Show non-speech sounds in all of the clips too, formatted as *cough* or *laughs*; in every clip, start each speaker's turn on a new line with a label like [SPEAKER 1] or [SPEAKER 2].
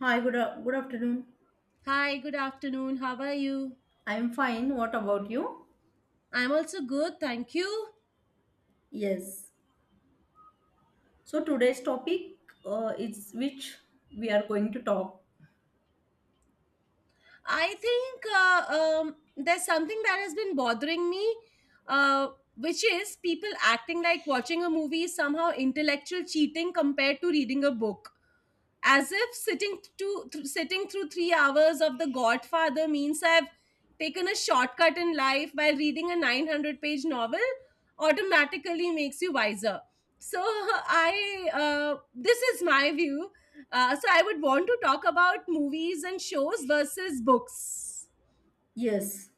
[SPEAKER 1] Hi, good, good afternoon.
[SPEAKER 2] Hi, good afternoon. How are you?
[SPEAKER 1] I am fine. What about you?
[SPEAKER 2] I'm also good, thank you.
[SPEAKER 1] Yes. So today's topic is which we are going to talk.
[SPEAKER 2] I think There's something that has been bothering me, uh, which is people acting like watching a movie is somehow intellectual cheating compared to reading a book. As if sitting through 3 hours of the Godfather means I've taken a shortcut in life, while reading a 900-page novel automatically makes you wiser. So *laughs* I, this is my view. So I would want to talk about movies and shows versus books.
[SPEAKER 1] Yes.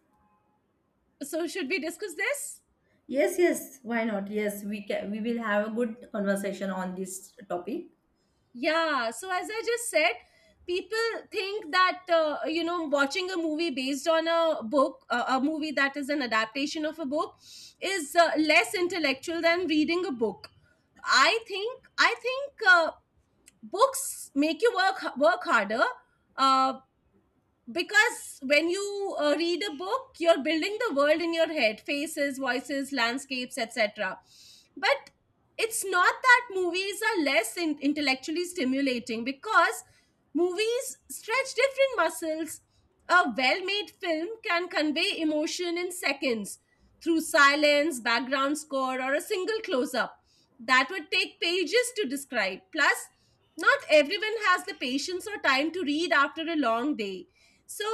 [SPEAKER 2] So should we discuss this?
[SPEAKER 1] Yes, yes. Why not? Yes, we can. We will have a good conversation on this topic.
[SPEAKER 2] Yeah, so as I just said, people think that watching a movie based on a book, a movie that is an adaptation of a book, is less intellectual than reading a book. I think books make you work harder. Uh, because when you read a book, you're building the world in your head: faces, voices, landscapes, etc. But it's not that movies are intellectually stimulating, because movies stretch different muscles. A well-made film can convey emotion in seconds through silence, background score, or a single close-up that would take pages to describe. Plus, not everyone has the patience or time to read after a long day. So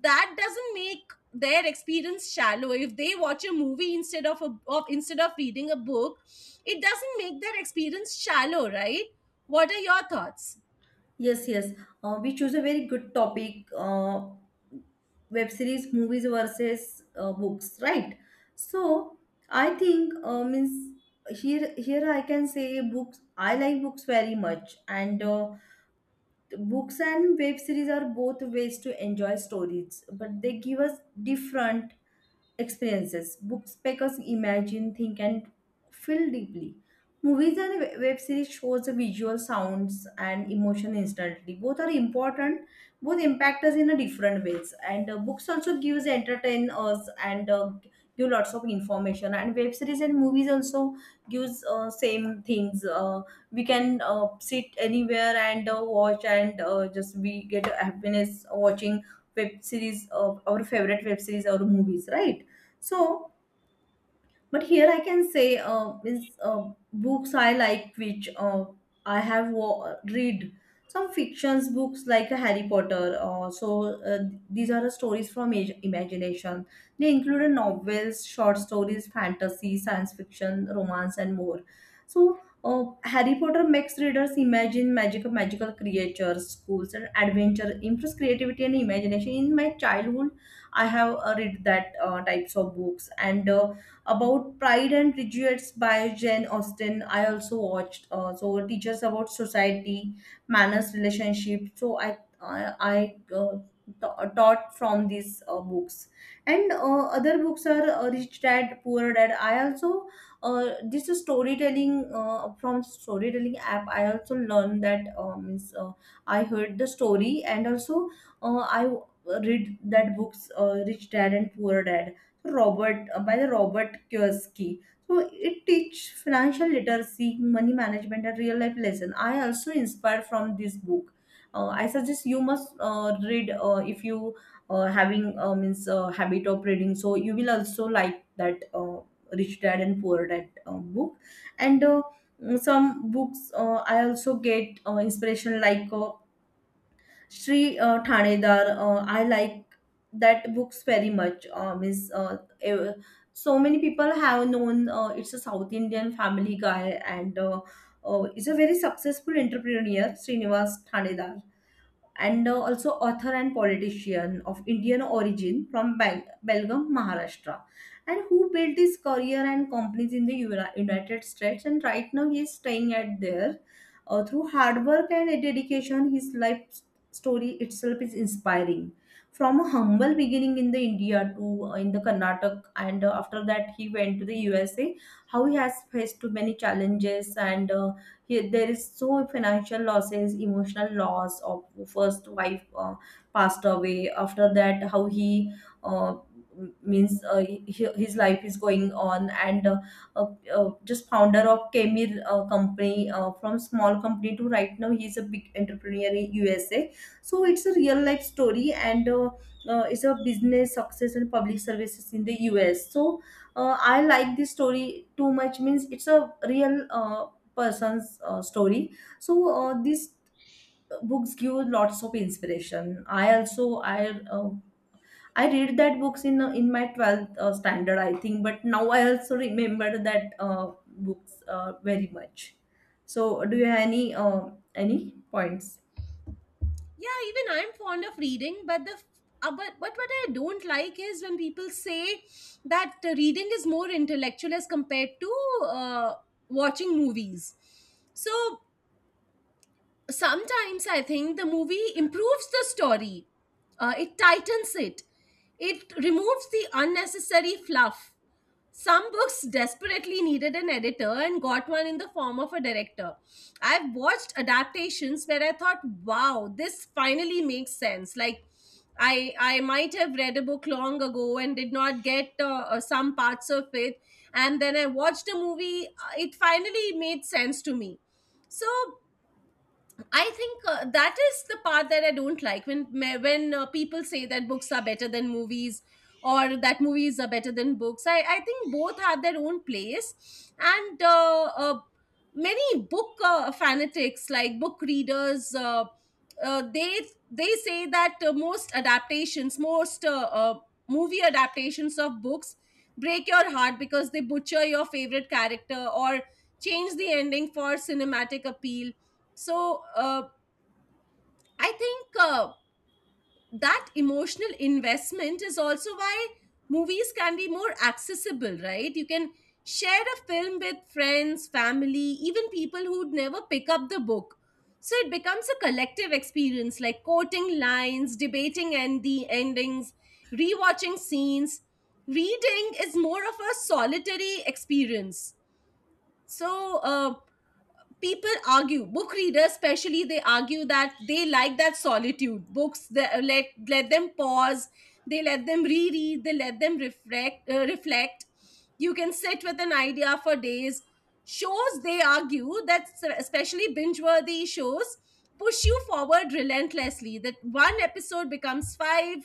[SPEAKER 2] that doesn't make their experience shallow if they watch a movie instead of reading a book. It doesn't make their experience shallow, right? What are your thoughts?
[SPEAKER 1] Yes, yes. We choose a very good topic. Web series, movies versus books, right? So I think means here I can say books. I like books very much, and books and web series are both ways to enjoy stories, but they give us different experiences. Books make us imagine, think, and feel deeply. Movies and web series shows the visual sounds and emotion instantly. Both are important. Both impact us in a different ways. And books also gives entertain us and give lots of information. And web series and movies also gives same things. We can sit anywhere and watch and just we get happiness watching web series, our favorite web series or movies, right? So, but here I can say is books I like which I have read some fictions books like Harry Potter. So these are the stories from imagination. They included novels, short stories, fantasy, science fiction, romance, and more. So. Harry Potter makes readers imagine magical creatures, schools, and adventure. Improves creativity and imagination. In my childhood, I have read that types of books, and about Pride and Prejudice by Jane Austen. I also watched so it teaches about society, manners, relationship. So I taught from these books, and other books are Rich Dad Poor Dad. I also this is storytelling from storytelling app. I also learned that means I heard the story, and also I read that books, Rich Dad and Poor Dad, Robert by the Robert Kiyosaki. So it teach financial literacy, money management, and real life lesson. I also inspired from this book. I suggest you must read if you having means habit of reading. So you will also like that Rich Dad and Poor Dad book, and some books I also get inspiration like. Sri Thanedar, I like that books very much. So many people have known it's a South Indian family guy, and is a very successful entrepreneur, Srinivas Thanedar, and also author and politician of Indian origin from Belgaum, Maharashtra, and who built his career and companies in the United States. And right now, he is staying at there. Through hard work and dedication, his story itself is inspiring. From a humble beginning in the India to in the Karnataka, and after that he went to the USA. How he has faced too many challenges, and here, there is so financial losses, emotional loss of first wife passed away. After that, how he uh, means he, his life is going on, and uh, just founder of Kemir company from small company to right now he is a big entrepreneur in USA. So it's a real life story, and it's a business success and public services in the US. So I like this story too much, means it's a real person's story. So these books give lots of inspiration. I also i uh, i read that books in my 12th standard, I think, but now I also remember that books very much. So do you have any points?
[SPEAKER 2] Yeah, even I'm fond of reading, but but what I don't like is when people say that reading is more intellectual as compared to uh, watching movies. So sometimes I think the movie improves the story, it tightens it, it removes the unnecessary fluff. Some books desperately needed an editor and got one in the form of a director. I've watched adaptations where I thought, wow, this finally makes sense. Like, I might have read a book long ago and did not get some parts of it. And then I watched a movie, it finally made sense to me. So I think that is the part that I don't like, when people say that books are better than movies or that movies are better than books. I think both have their own place, and many book fanatics, like book readers, uh, they they say that most adaptations, most movie adaptations of books, break your heart because they butcher your favorite character or change the ending for cinematic appeal. So I think that emotional investment is also why movies can be more accessible, right? You can share a film with friends, family, even people who'd never pick up the book. So it becomes a collective experience, like quoting lines, debating and the endings, rewatching scenes. Reading is more of a solitary experience. So people argue, book readers especially, they argue that they like that solitude. Books that let them pause, they let them reread, they let them reflect, reflect. You can sit with an idea for days. Shows, they argue, that especially binge worthy shows push you forward relentlessly, that one episode becomes five,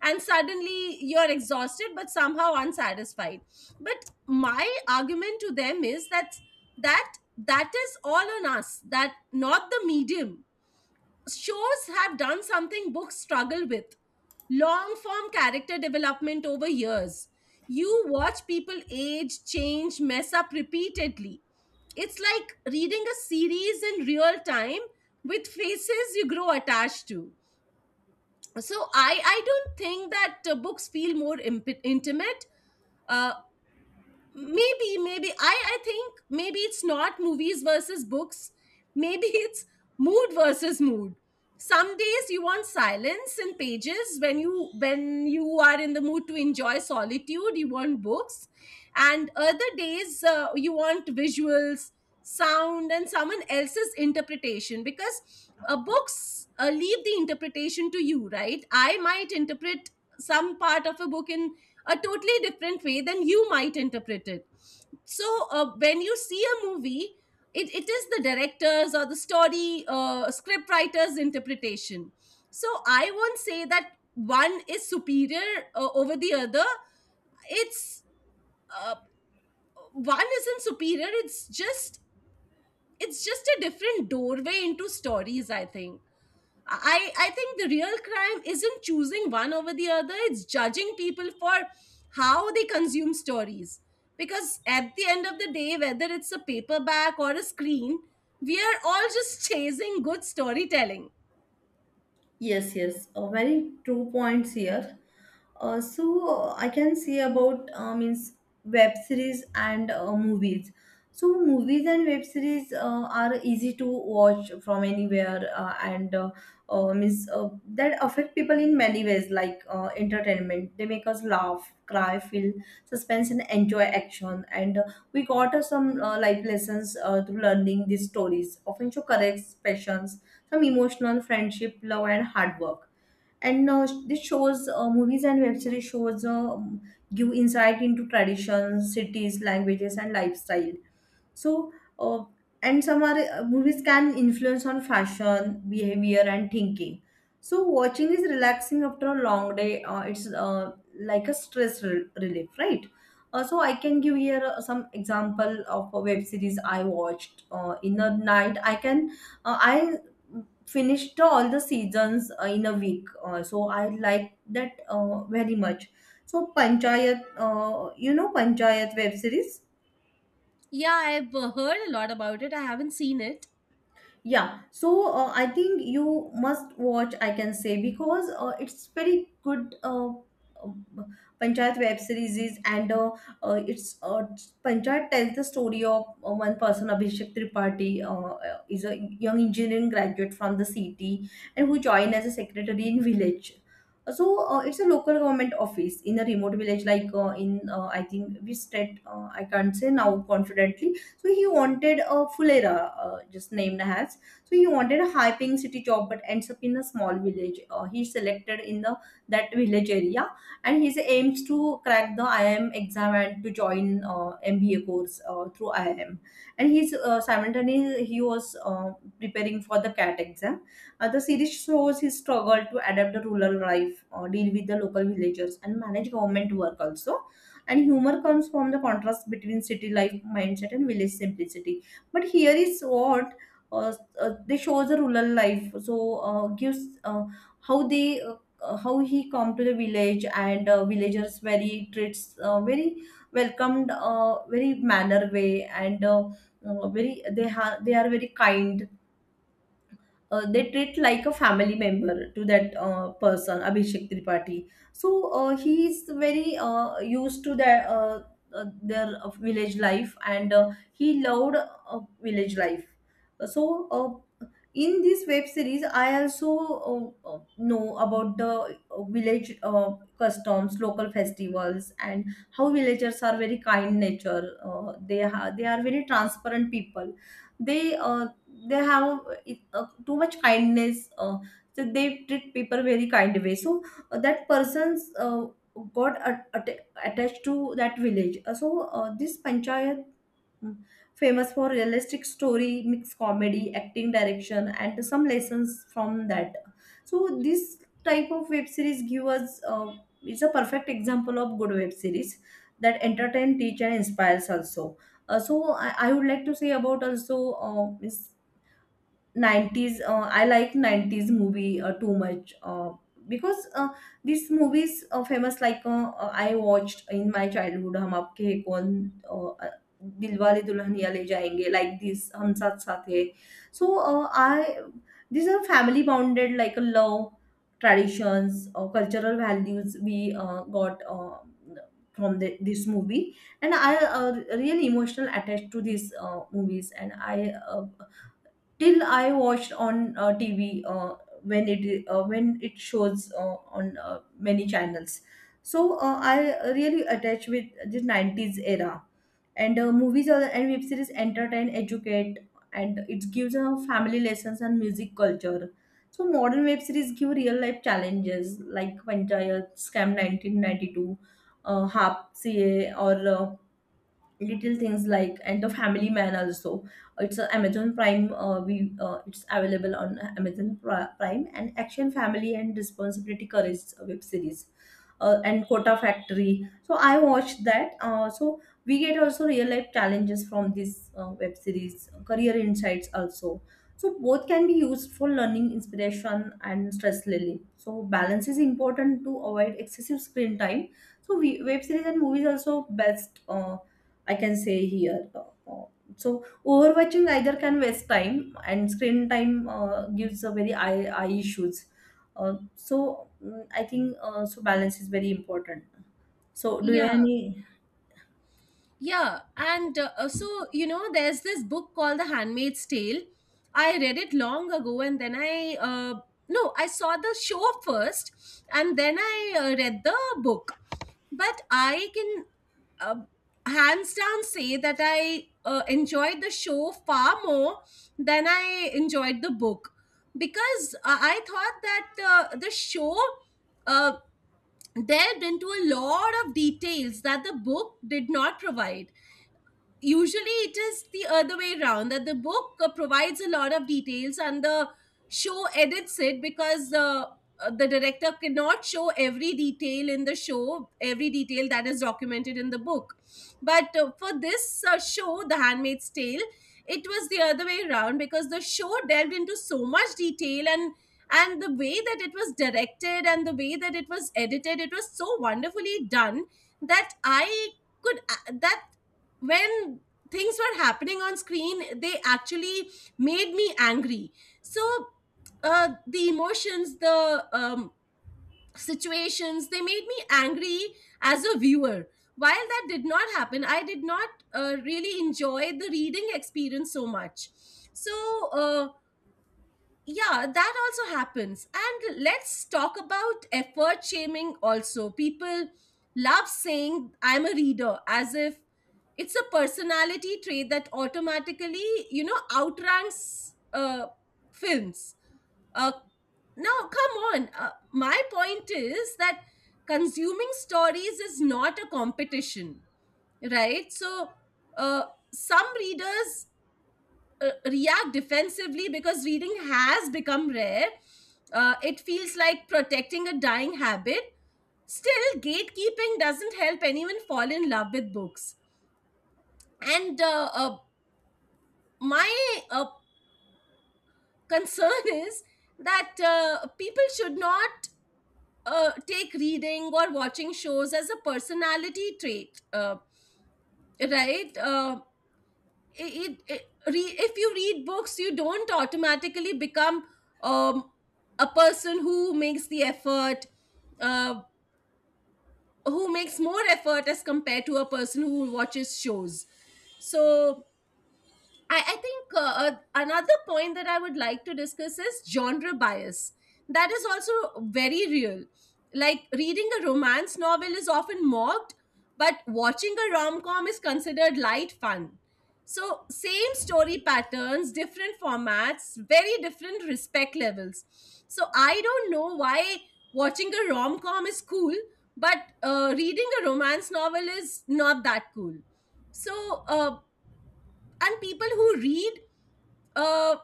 [SPEAKER 2] and suddenly you're exhausted but somehow unsatisfied. But my argument to them is that that is all on us, that not the medium. Shows have done something books struggle with: long form character development over years. You watch people age, change, mess up repeatedly. It's like reading a series in real time with faces you grow attached to. So I don't think that books feel more intimate. Uh, maybe maybe i i think maybe it's not movies versus books, maybe *laughs* it's mood versus mood. Some days you want silence and pages, when you are in the mood to enjoy solitude, you want books. And other days, you want visuals, sound, and someone else's interpretation, because books leave the interpretation to you, right? I might interpret some part of a book in a totally different way than you might interpret it. So when you see a movie, it is the director's or the story script writer's interpretation. So I won't say that one is superior over the other. It's uh, one isn't superior. It's just a different doorway into stories, I think. I think the real crime isn't choosing one over the other, it's judging people for how they consume stories. Because at the end of the day, whether it's a paperback or a screen, we are all just chasing good storytelling.
[SPEAKER 1] Yes, yes, a very true points here. So I can say about means web series and movies. So movies and web series are easy to watch from anywhere, and means that affect people in many ways, like entertainment. They make us laugh, cry, feel suspense, and enjoy action. And we got some life lessons through learning these stories. Often show correct passions, some emotional friendship, love, and hard work. And this shows movies and web series shows give insight into traditions, cities, languages, and lifestyle. So, uh, and some are movies can influence on fashion, behavior, and thinking. So, watching is relaxing after a long day. It's like a stress relief, right? So, I can give here some example of a web series I watched in a night. I finished all the seasons in a week. So, I like that very much. So, Panchayat, you know Panchayat web series.
[SPEAKER 2] Yeah, I've heard a lot about it. I haven't seen it.
[SPEAKER 1] Yeah, so I think you must watch, I can say, because it's very good. Uh, Panchayat web series is, and it's Panchayat tells the story of one person, Abhishek Tripathi, is a young engineering graduate from the city and who joined as a secretary in village. So it's a local government office in a remote village, like in I think which state I can't say now confidently. So he wanted a Fulera, just named as, so he wanted a high-paying city job, but ends up in a small village. He selected in the that village area, and his aims to crack the IIM exam and to join MBA course through IIM. And he's simultaneously he was preparing for the CAT exam. The series shows his struggle to adapt the rural life, deal with the local villagers, and manage government work also. And humor comes from the contrast between city life mindset and village simplicity. But here is what. Uh, they shows the rural life. So gives how they how he come to the village, and villagers very treats very welcomed very manner way, and very they are very kind. Uh, they treat like a family member to that person, Abhishek Tripathi. So he is very used to their village life, and he loved village life. So in this web series, I also know about the village customs, local festivals, and how villagers are very kind nature. They are very transparent people. They they have too much kindness, so they treat people very kind way. So that person's got attached to that village. So this Panchayat, mm, famous for realistic story mixed comedy acting direction and some lessons from that. So this type of web series give us is a perfect example of good web series that entertain teach and inspires also. Uh, so I would like to say about also is 90s, I like 90s movie too much because these movies are famous like I watched in my childhood Hum Aapke Hain Kaun, uh, uh, Dilwale Dulhaniya Le Jayenge, like this Hum Saath Saath Hai. So I, these are family bounded like a love, traditions or cultural values we got from the, this movie. And I uh, really emotional attached to these movies, and I uh, till I watched on TV when it shows on many channels. So I really attach with this 90s era, and movies are, and web series entertain, educate, and it gives a family lessons and music culture. So modern web series give real life challenges like Panchayat, Scam 1992, Hap CA, or little things like and the Family Man also. It's a Amazon Prime, we it's available on Amazon Prime, and action family and responsibility courage web series, and Quota Factory. So I watched that so we get also real life challenges from this web series, career insights also. So both can be used for learning inspiration and stress relief, so balance is important to avoid excessive screen time. So web series and movies also best I can say here. So overwatching either can waste time, and screen time gives a very eye issues. Uh, so mm, I think so balance is very important. So do you
[SPEAKER 2] Yeah.
[SPEAKER 1] any?
[SPEAKER 2] Yeah, and so you know, there's this book called The Handmaid's Tale. I read it long ago, and then I, no, I saw the show first, and then I read the book. But I can uh, hands down say that I enjoyed the show far more than I enjoyed the book, because I thought that the show uh, delved into a lot of details that the book did not provide. Usually it is the other way around, that the book provides a lot of details and the show edits it because the director cannot show every detail in the show, every detail that is documented in the book. But for this show, The Handmaid's Tale, it was the other way around, because the show delved into so much detail, and the way that it was directed and the way that it was edited, it was so wonderfully done that I could, that when things were happening on screen, they actually made me angry. So the emotions, the situations, they made me angry as a viewer, while that did not happen. I did not really enjoy the reading experience so much. So uh, yeah, that also happens. And let's talk about effort shaming also. People love saying, I'm a reader, as if it's a personality trait that automatically, you know, outranks films. Uh, Now, come on. My point is that consuming stories is not a competition, right? So, uh, some readers react defensively because reading has become rare. It feels like protecting a dying habit. Still, gatekeeping doesn't help anyone fall in love with books. And my concern *laughs* is that people should not take reading or watching shows as a personality trait, right? It, if you read books, you don't automatically become um, a person who makes the effort, uh, who makes more effort as compared to a person who watches shows. So I think another point that I would like to discuss is genre bias. That is also very real. Like reading a romance novel is often mocked, but watching a rom com is considered light fun. So, same story patterns, different formats, very different respect levels. So, I don't know why watching a rom com is cool, but reading a romance novel is not that cool. So, and people who read uh,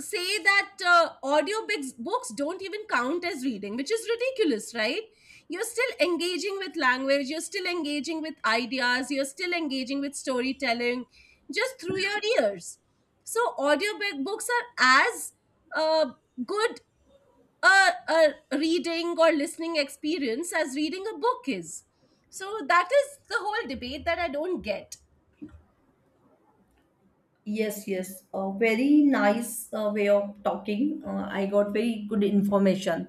[SPEAKER 2] say that audiobooks books don't even count as reading, which is ridiculous, right? You're still engaging with language, you're still engaging with ideas, you're still engaging with storytelling, just through your ears. So audiobook books are as uh, good a reading or listening experience as reading a book is. So that is the whole debate that I don't get.
[SPEAKER 1] Yes, yes. A very nice way of talking. I got very good information.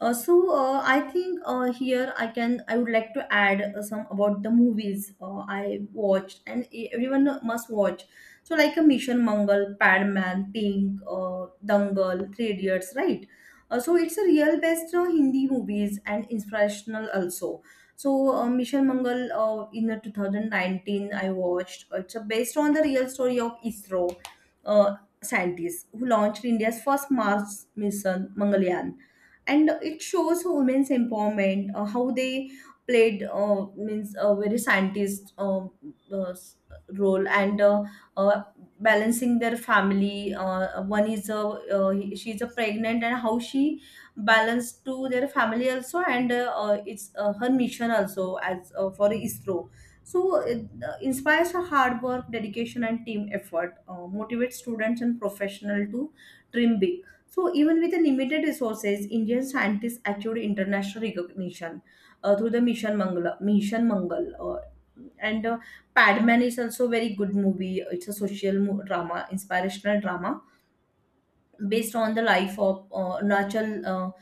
[SPEAKER 1] So I think here I can I would like to add some about the movies I watched and everyone must watch. So like a Mission Mangal, Padman, Pink, Dangal, Three Idiots, right? So it's a real best Hindi movies and inspirational also. So Michelle Mangal in the 2019 I watched. It's based on the real story of ISRO uh, scientists who launched India's first Mars mission, Mangalyaan, and it shows women's empowerment, how they played means a very scientist uh, s- role and uh, balancing their family. One is a she's a pregnant and how she balance to their family also and it's her mission also as for ISRO. So it inspires her hard work, dedication, and team effort. Motivates students and professional to dream big. So even with the limited resources, Indian scientists achieved international recognition through the Mission Mangal. And Padman is also very good movie. It's a social drama, inspirational drama based on the life of Arunachal, uh,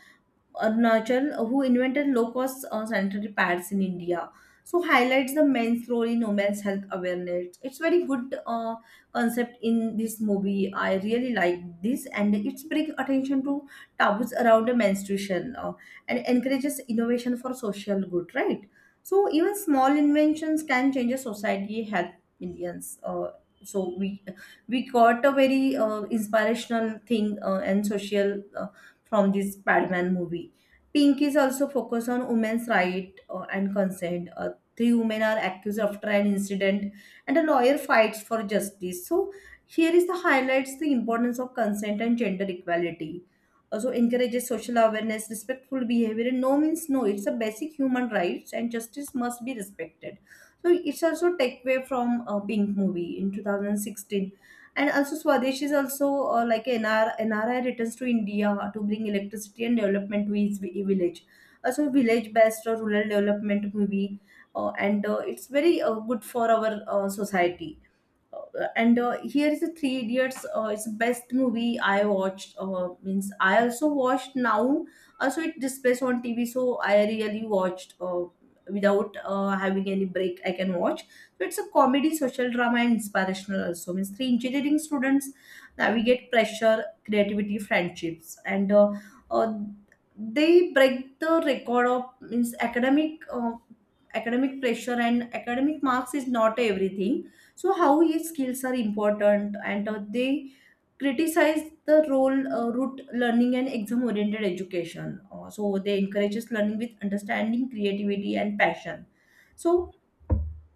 [SPEAKER 1] Arunachal, who invented low-cost sanitary pads in India. So highlights the men's role in women's health awareness. It's very good concept in this movie. I really like this, and it's bring attention to taboos around the menstruation and encourages innovation for social good. Right. So even small inventions can change a society, help millions. So we got a very inspirational thing and social from this Padman movie. Pink is also focused on women's right and consent. Three women are accused after an incident, and a lawyer fights for justice. So here is the highlights the importance of consent and gender equality. Also encourages social awareness, respectful behavior, and no means no. It's a basic human rights, and justice must be respected. So it's also takeaway from a Pink movie in 2016, and also Swadesh is also like NR, NRI returns to India to bring electricity and development to his village. Also, village based or rural development movie, and it's very good for our society. And Here is the Three Idiots. It's the best movie I watched, means I also watched now, also it displays on TV, so I really watched without having any break I can watch. So it's a comedy, social drama, and inspirational also. Means three engineering students navigate pressure, creativity, friendships, and uh, they break the record of means academic academic pressure, and academic marks is not everything. So how his skills are important, and they criticize the role route learning and exam oriented education. So they encourages learning with understanding, creativity, and passion. So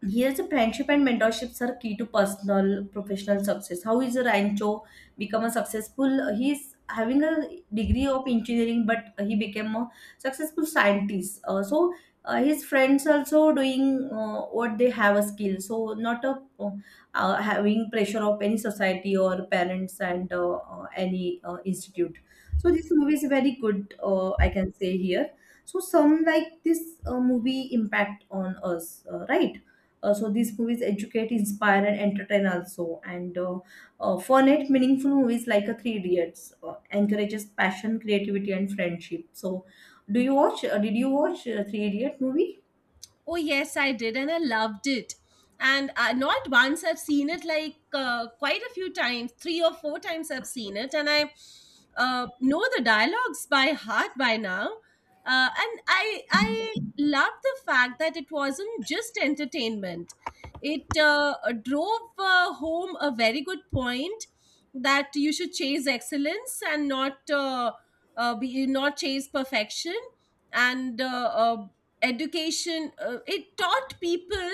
[SPEAKER 1] yes, the friendship and mentorships are key to personal professional success. How is Rancho become a successful? He's having a degree of engineering, but he became a successful scientist. So his friends also doing what they have a skill. So not a having pressure of any society or parents and any institute. So this movie is very good. I can say here. So some like this movie impact on us, right? So these movies educate, inspire, and entertain also. And for net meaningful movies like a Three Idiots encourages passion, creativity, and friendship. So, do you watch? Did you watch Three Idiot movie?
[SPEAKER 2] Oh, yes, I did, and I loved it. And not once I've seen it, like quite a few times, three or four times I've seen it, and I know the dialogues by heart by now. And I love the fact that it wasn't just entertainment; it drove home a very good point, that you should chase excellence and not be not chase perfection. And uh, education, it taught people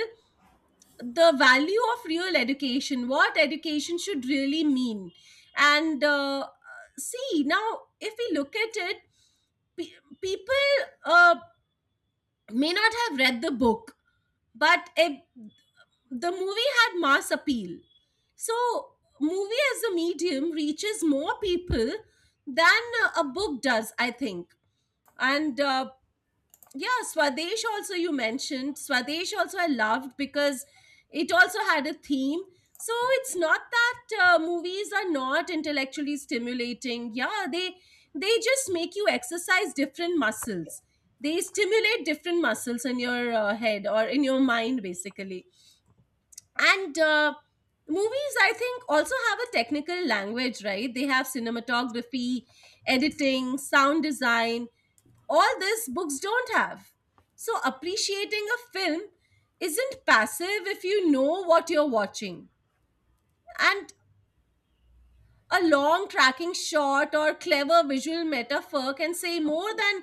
[SPEAKER 2] the value of real education, what education should really mean. And see, now if we look at it, people uh, may not have read the book, but the movie had mass appeal. So movie as a medium reaches more people than a book does, I think. And yeah, Swadesh also, you mentioned Swadesh also, I loved, because it also had a theme. So it's not that movies are not intellectually stimulating. Yeah, they just make you exercise different muscles, they stimulate different muscles in your head, or in your mind basically. And movies, I think, also have a technical language, right? They have cinematography, editing, sound design, all this books don't have. So, appreciating a film isn't passive if you know what you're watching. And a long tracking shot or clever visual metaphor can say more than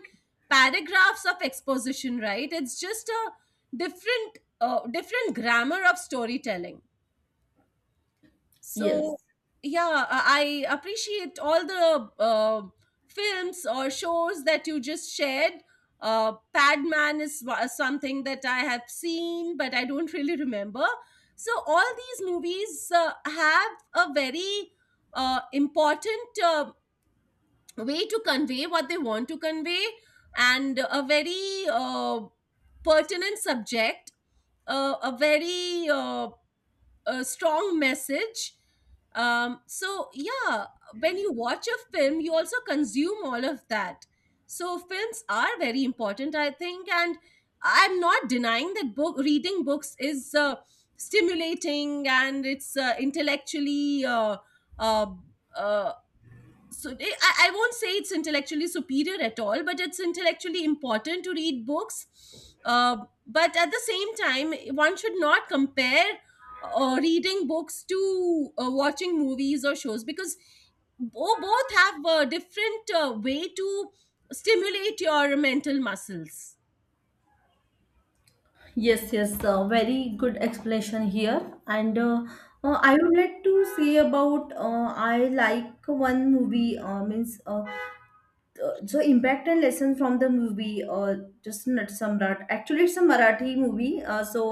[SPEAKER 2] paragraphs of exposition, right? It's just a different, different grammar of storytelling.
[SPEAKER 1] Yes.
[SPEAKER 2] So, yeah, I appreciate all the films or shows that you just shared. Padman is something that I have seen, but I don't *laughs* really remember. So, all these movies have a very important way to convey what they want to convey, and a very pertinent subject, a very a strong message. So yeah, when you watch a film, you also consume all of that. So films are very important, I think. And I'm not denying that book reading books is stimulating, and it's intellectually uh, uh, I won't say it's intellectually superior at all, but it's intellectually important to read books. uh, but at the same time, one should not compare reading books to watching movies or shows, because both have a different way to stimulate your mental muscles.
[SPEAKER 1] Yes, yes, very good explanation here. And I would like to say about, I like one movie, means so impact and lesson from the movie, just not samrat. Actually it's a Marathi movie, so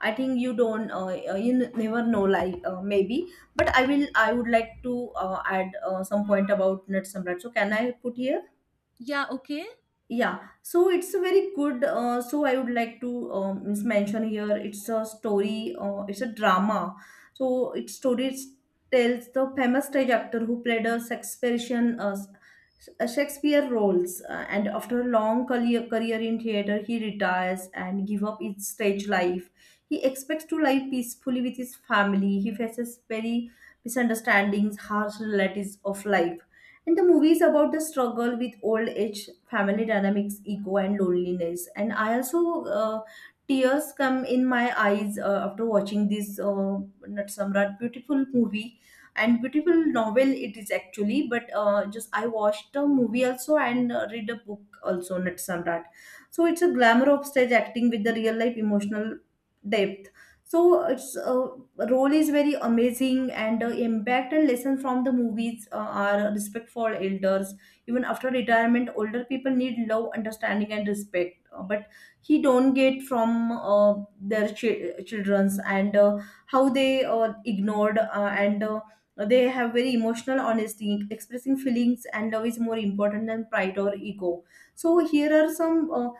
[SPEAKER 1] I think you don't you never know, like maybe, but I will, I would like to add some point about Nat Samrat. So can I put here?
[SPEAKER 2] Yeah, okay.
[SPEAKER 1] Yeah, so it's a very good. So I would like to means mention here. It's a story. It's a drama. So its story tells the famous stage actor who played a Shakespearean a Shakespeare roles, and after a long career in theater, he retires and give up his stage life. He expects to live peacefully with his family. He faces very misunderstandings, harsh realities of life, and the movie is about the struggle with old age, family dynamics, ego, and loneliness. And I also, tears come in my eyes after watching this Nat Samrat beautiful movie, and beautiful novel it is actually. But just I watched a movie also, and read a book also, Nat Samrat. So it's a glamour of stage acting with the real life emotional depth. So its role is very amazing, and impact and lesson from the movies are respect for elders. Even after retirement, older people need love, understanding, and respect. But he don't get from uh, their children's, and how they ignored, and they have very emotional honesty, expressing feelings and love is more important than pride or ego. So here are some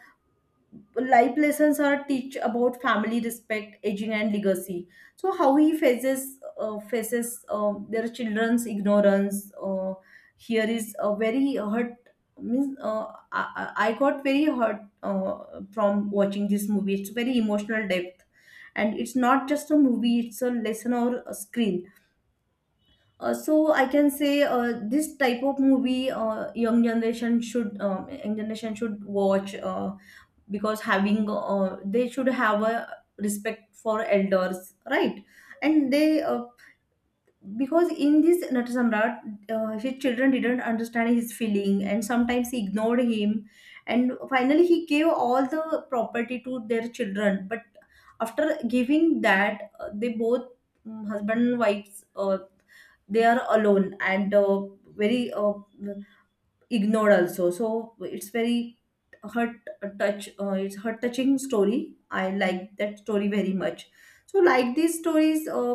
[SPEAKER 1] life lessons are teach about family respect, aging, and legacy. So how he faces their children's ignorance. Here is a very hurt, means I got very hurt from watching this movie. It's very emotional depth, and it's not just a movie, it's a lesson or a screen. So I can say, this type of movie, young generation should, young generation should watch, because having, they should have a respect for elders, right? And they because in this Natasamrat, his children didn't understand his feeling, and sometimes he ignored him, and finally he gave all the property to their children, but after giving that they both, mm, husband and wives, they are alone, and very ignored also. So it's very hurt, touch, it's hurt touching story, I like that story very much. So like these stories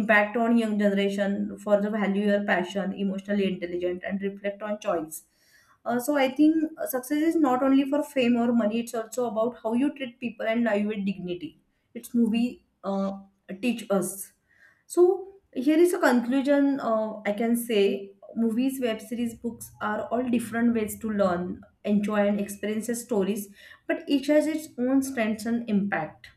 [SPEAKER 1] impact on young generation for the value your passion, emotionally intelligent, and reflect on choice. So I think success is not only for fame or money, it's also about how you treat people and live with dignity. It's movie teach us. So here is a conclusion. I can say movies, web series, books are all different ways to learn, enjoy, and experience stories, but each has its own strengths and impact.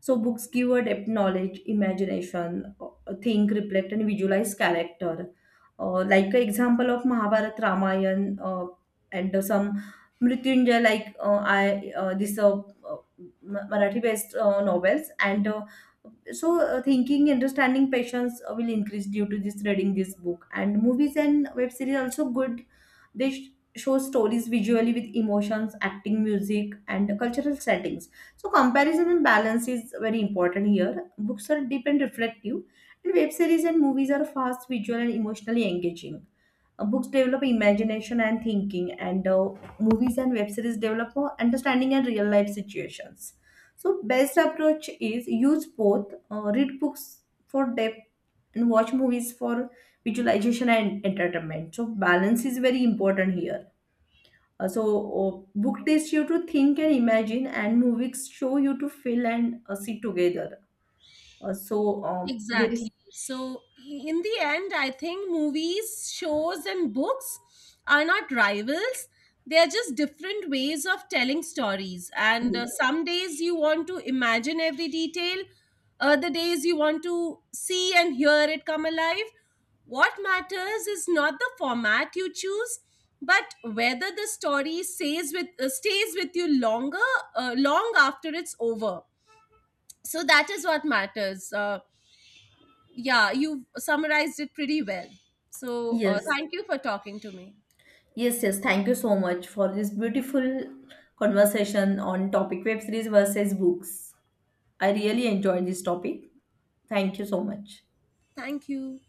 [SPEAKER 1] So books give a depth knowledge, imagination, think, reflect, and visualize character. Like an example of Mahabharat, Ramayan, and some Mrityunjay, like I this Marathi based novels. And thinking, understanding, patience will increase due to this reading this book. And movies and web series also good. They sh- show stories visually with emotions, acting, music, and cultural settings. So comparison and balance is very important here. Books are deep and reflective, and web series and movies are fast, visual, and emotionally engaging. Books develop imagination and thinking, and movies and web series develop understanding and real life situations. So best approach is use both. Read books for depth and watch movies for visualization and entertainment. So balance is very important here, uh, so, book tests you to think and imagine, and movies show you to feel and sit together. Here is
[SPEAKER 2] Exactly. So, in the end, I think movies, shows, and books are not rivals. They are just different ways of telling stories. And
[SPEAKER 1] yes,
[SPEAKER 2] some days you want to imagine every detail, other days you want to see and hear it come alive. What matters is not the format you choose, but whether the story stays with you longer, long after it's over. So that is what matters. Yeah, you summarized it pretty well. So
[SPEAKER 1] yes,
[SPEAKER 2] thank you for talking to me.
[SPEAKER 1] yes. Thank you so much for this beautiful conversation on topic web series versus books. I really enjoyed this topic. Thank you so much.
[SPEAKER 2] Thank you.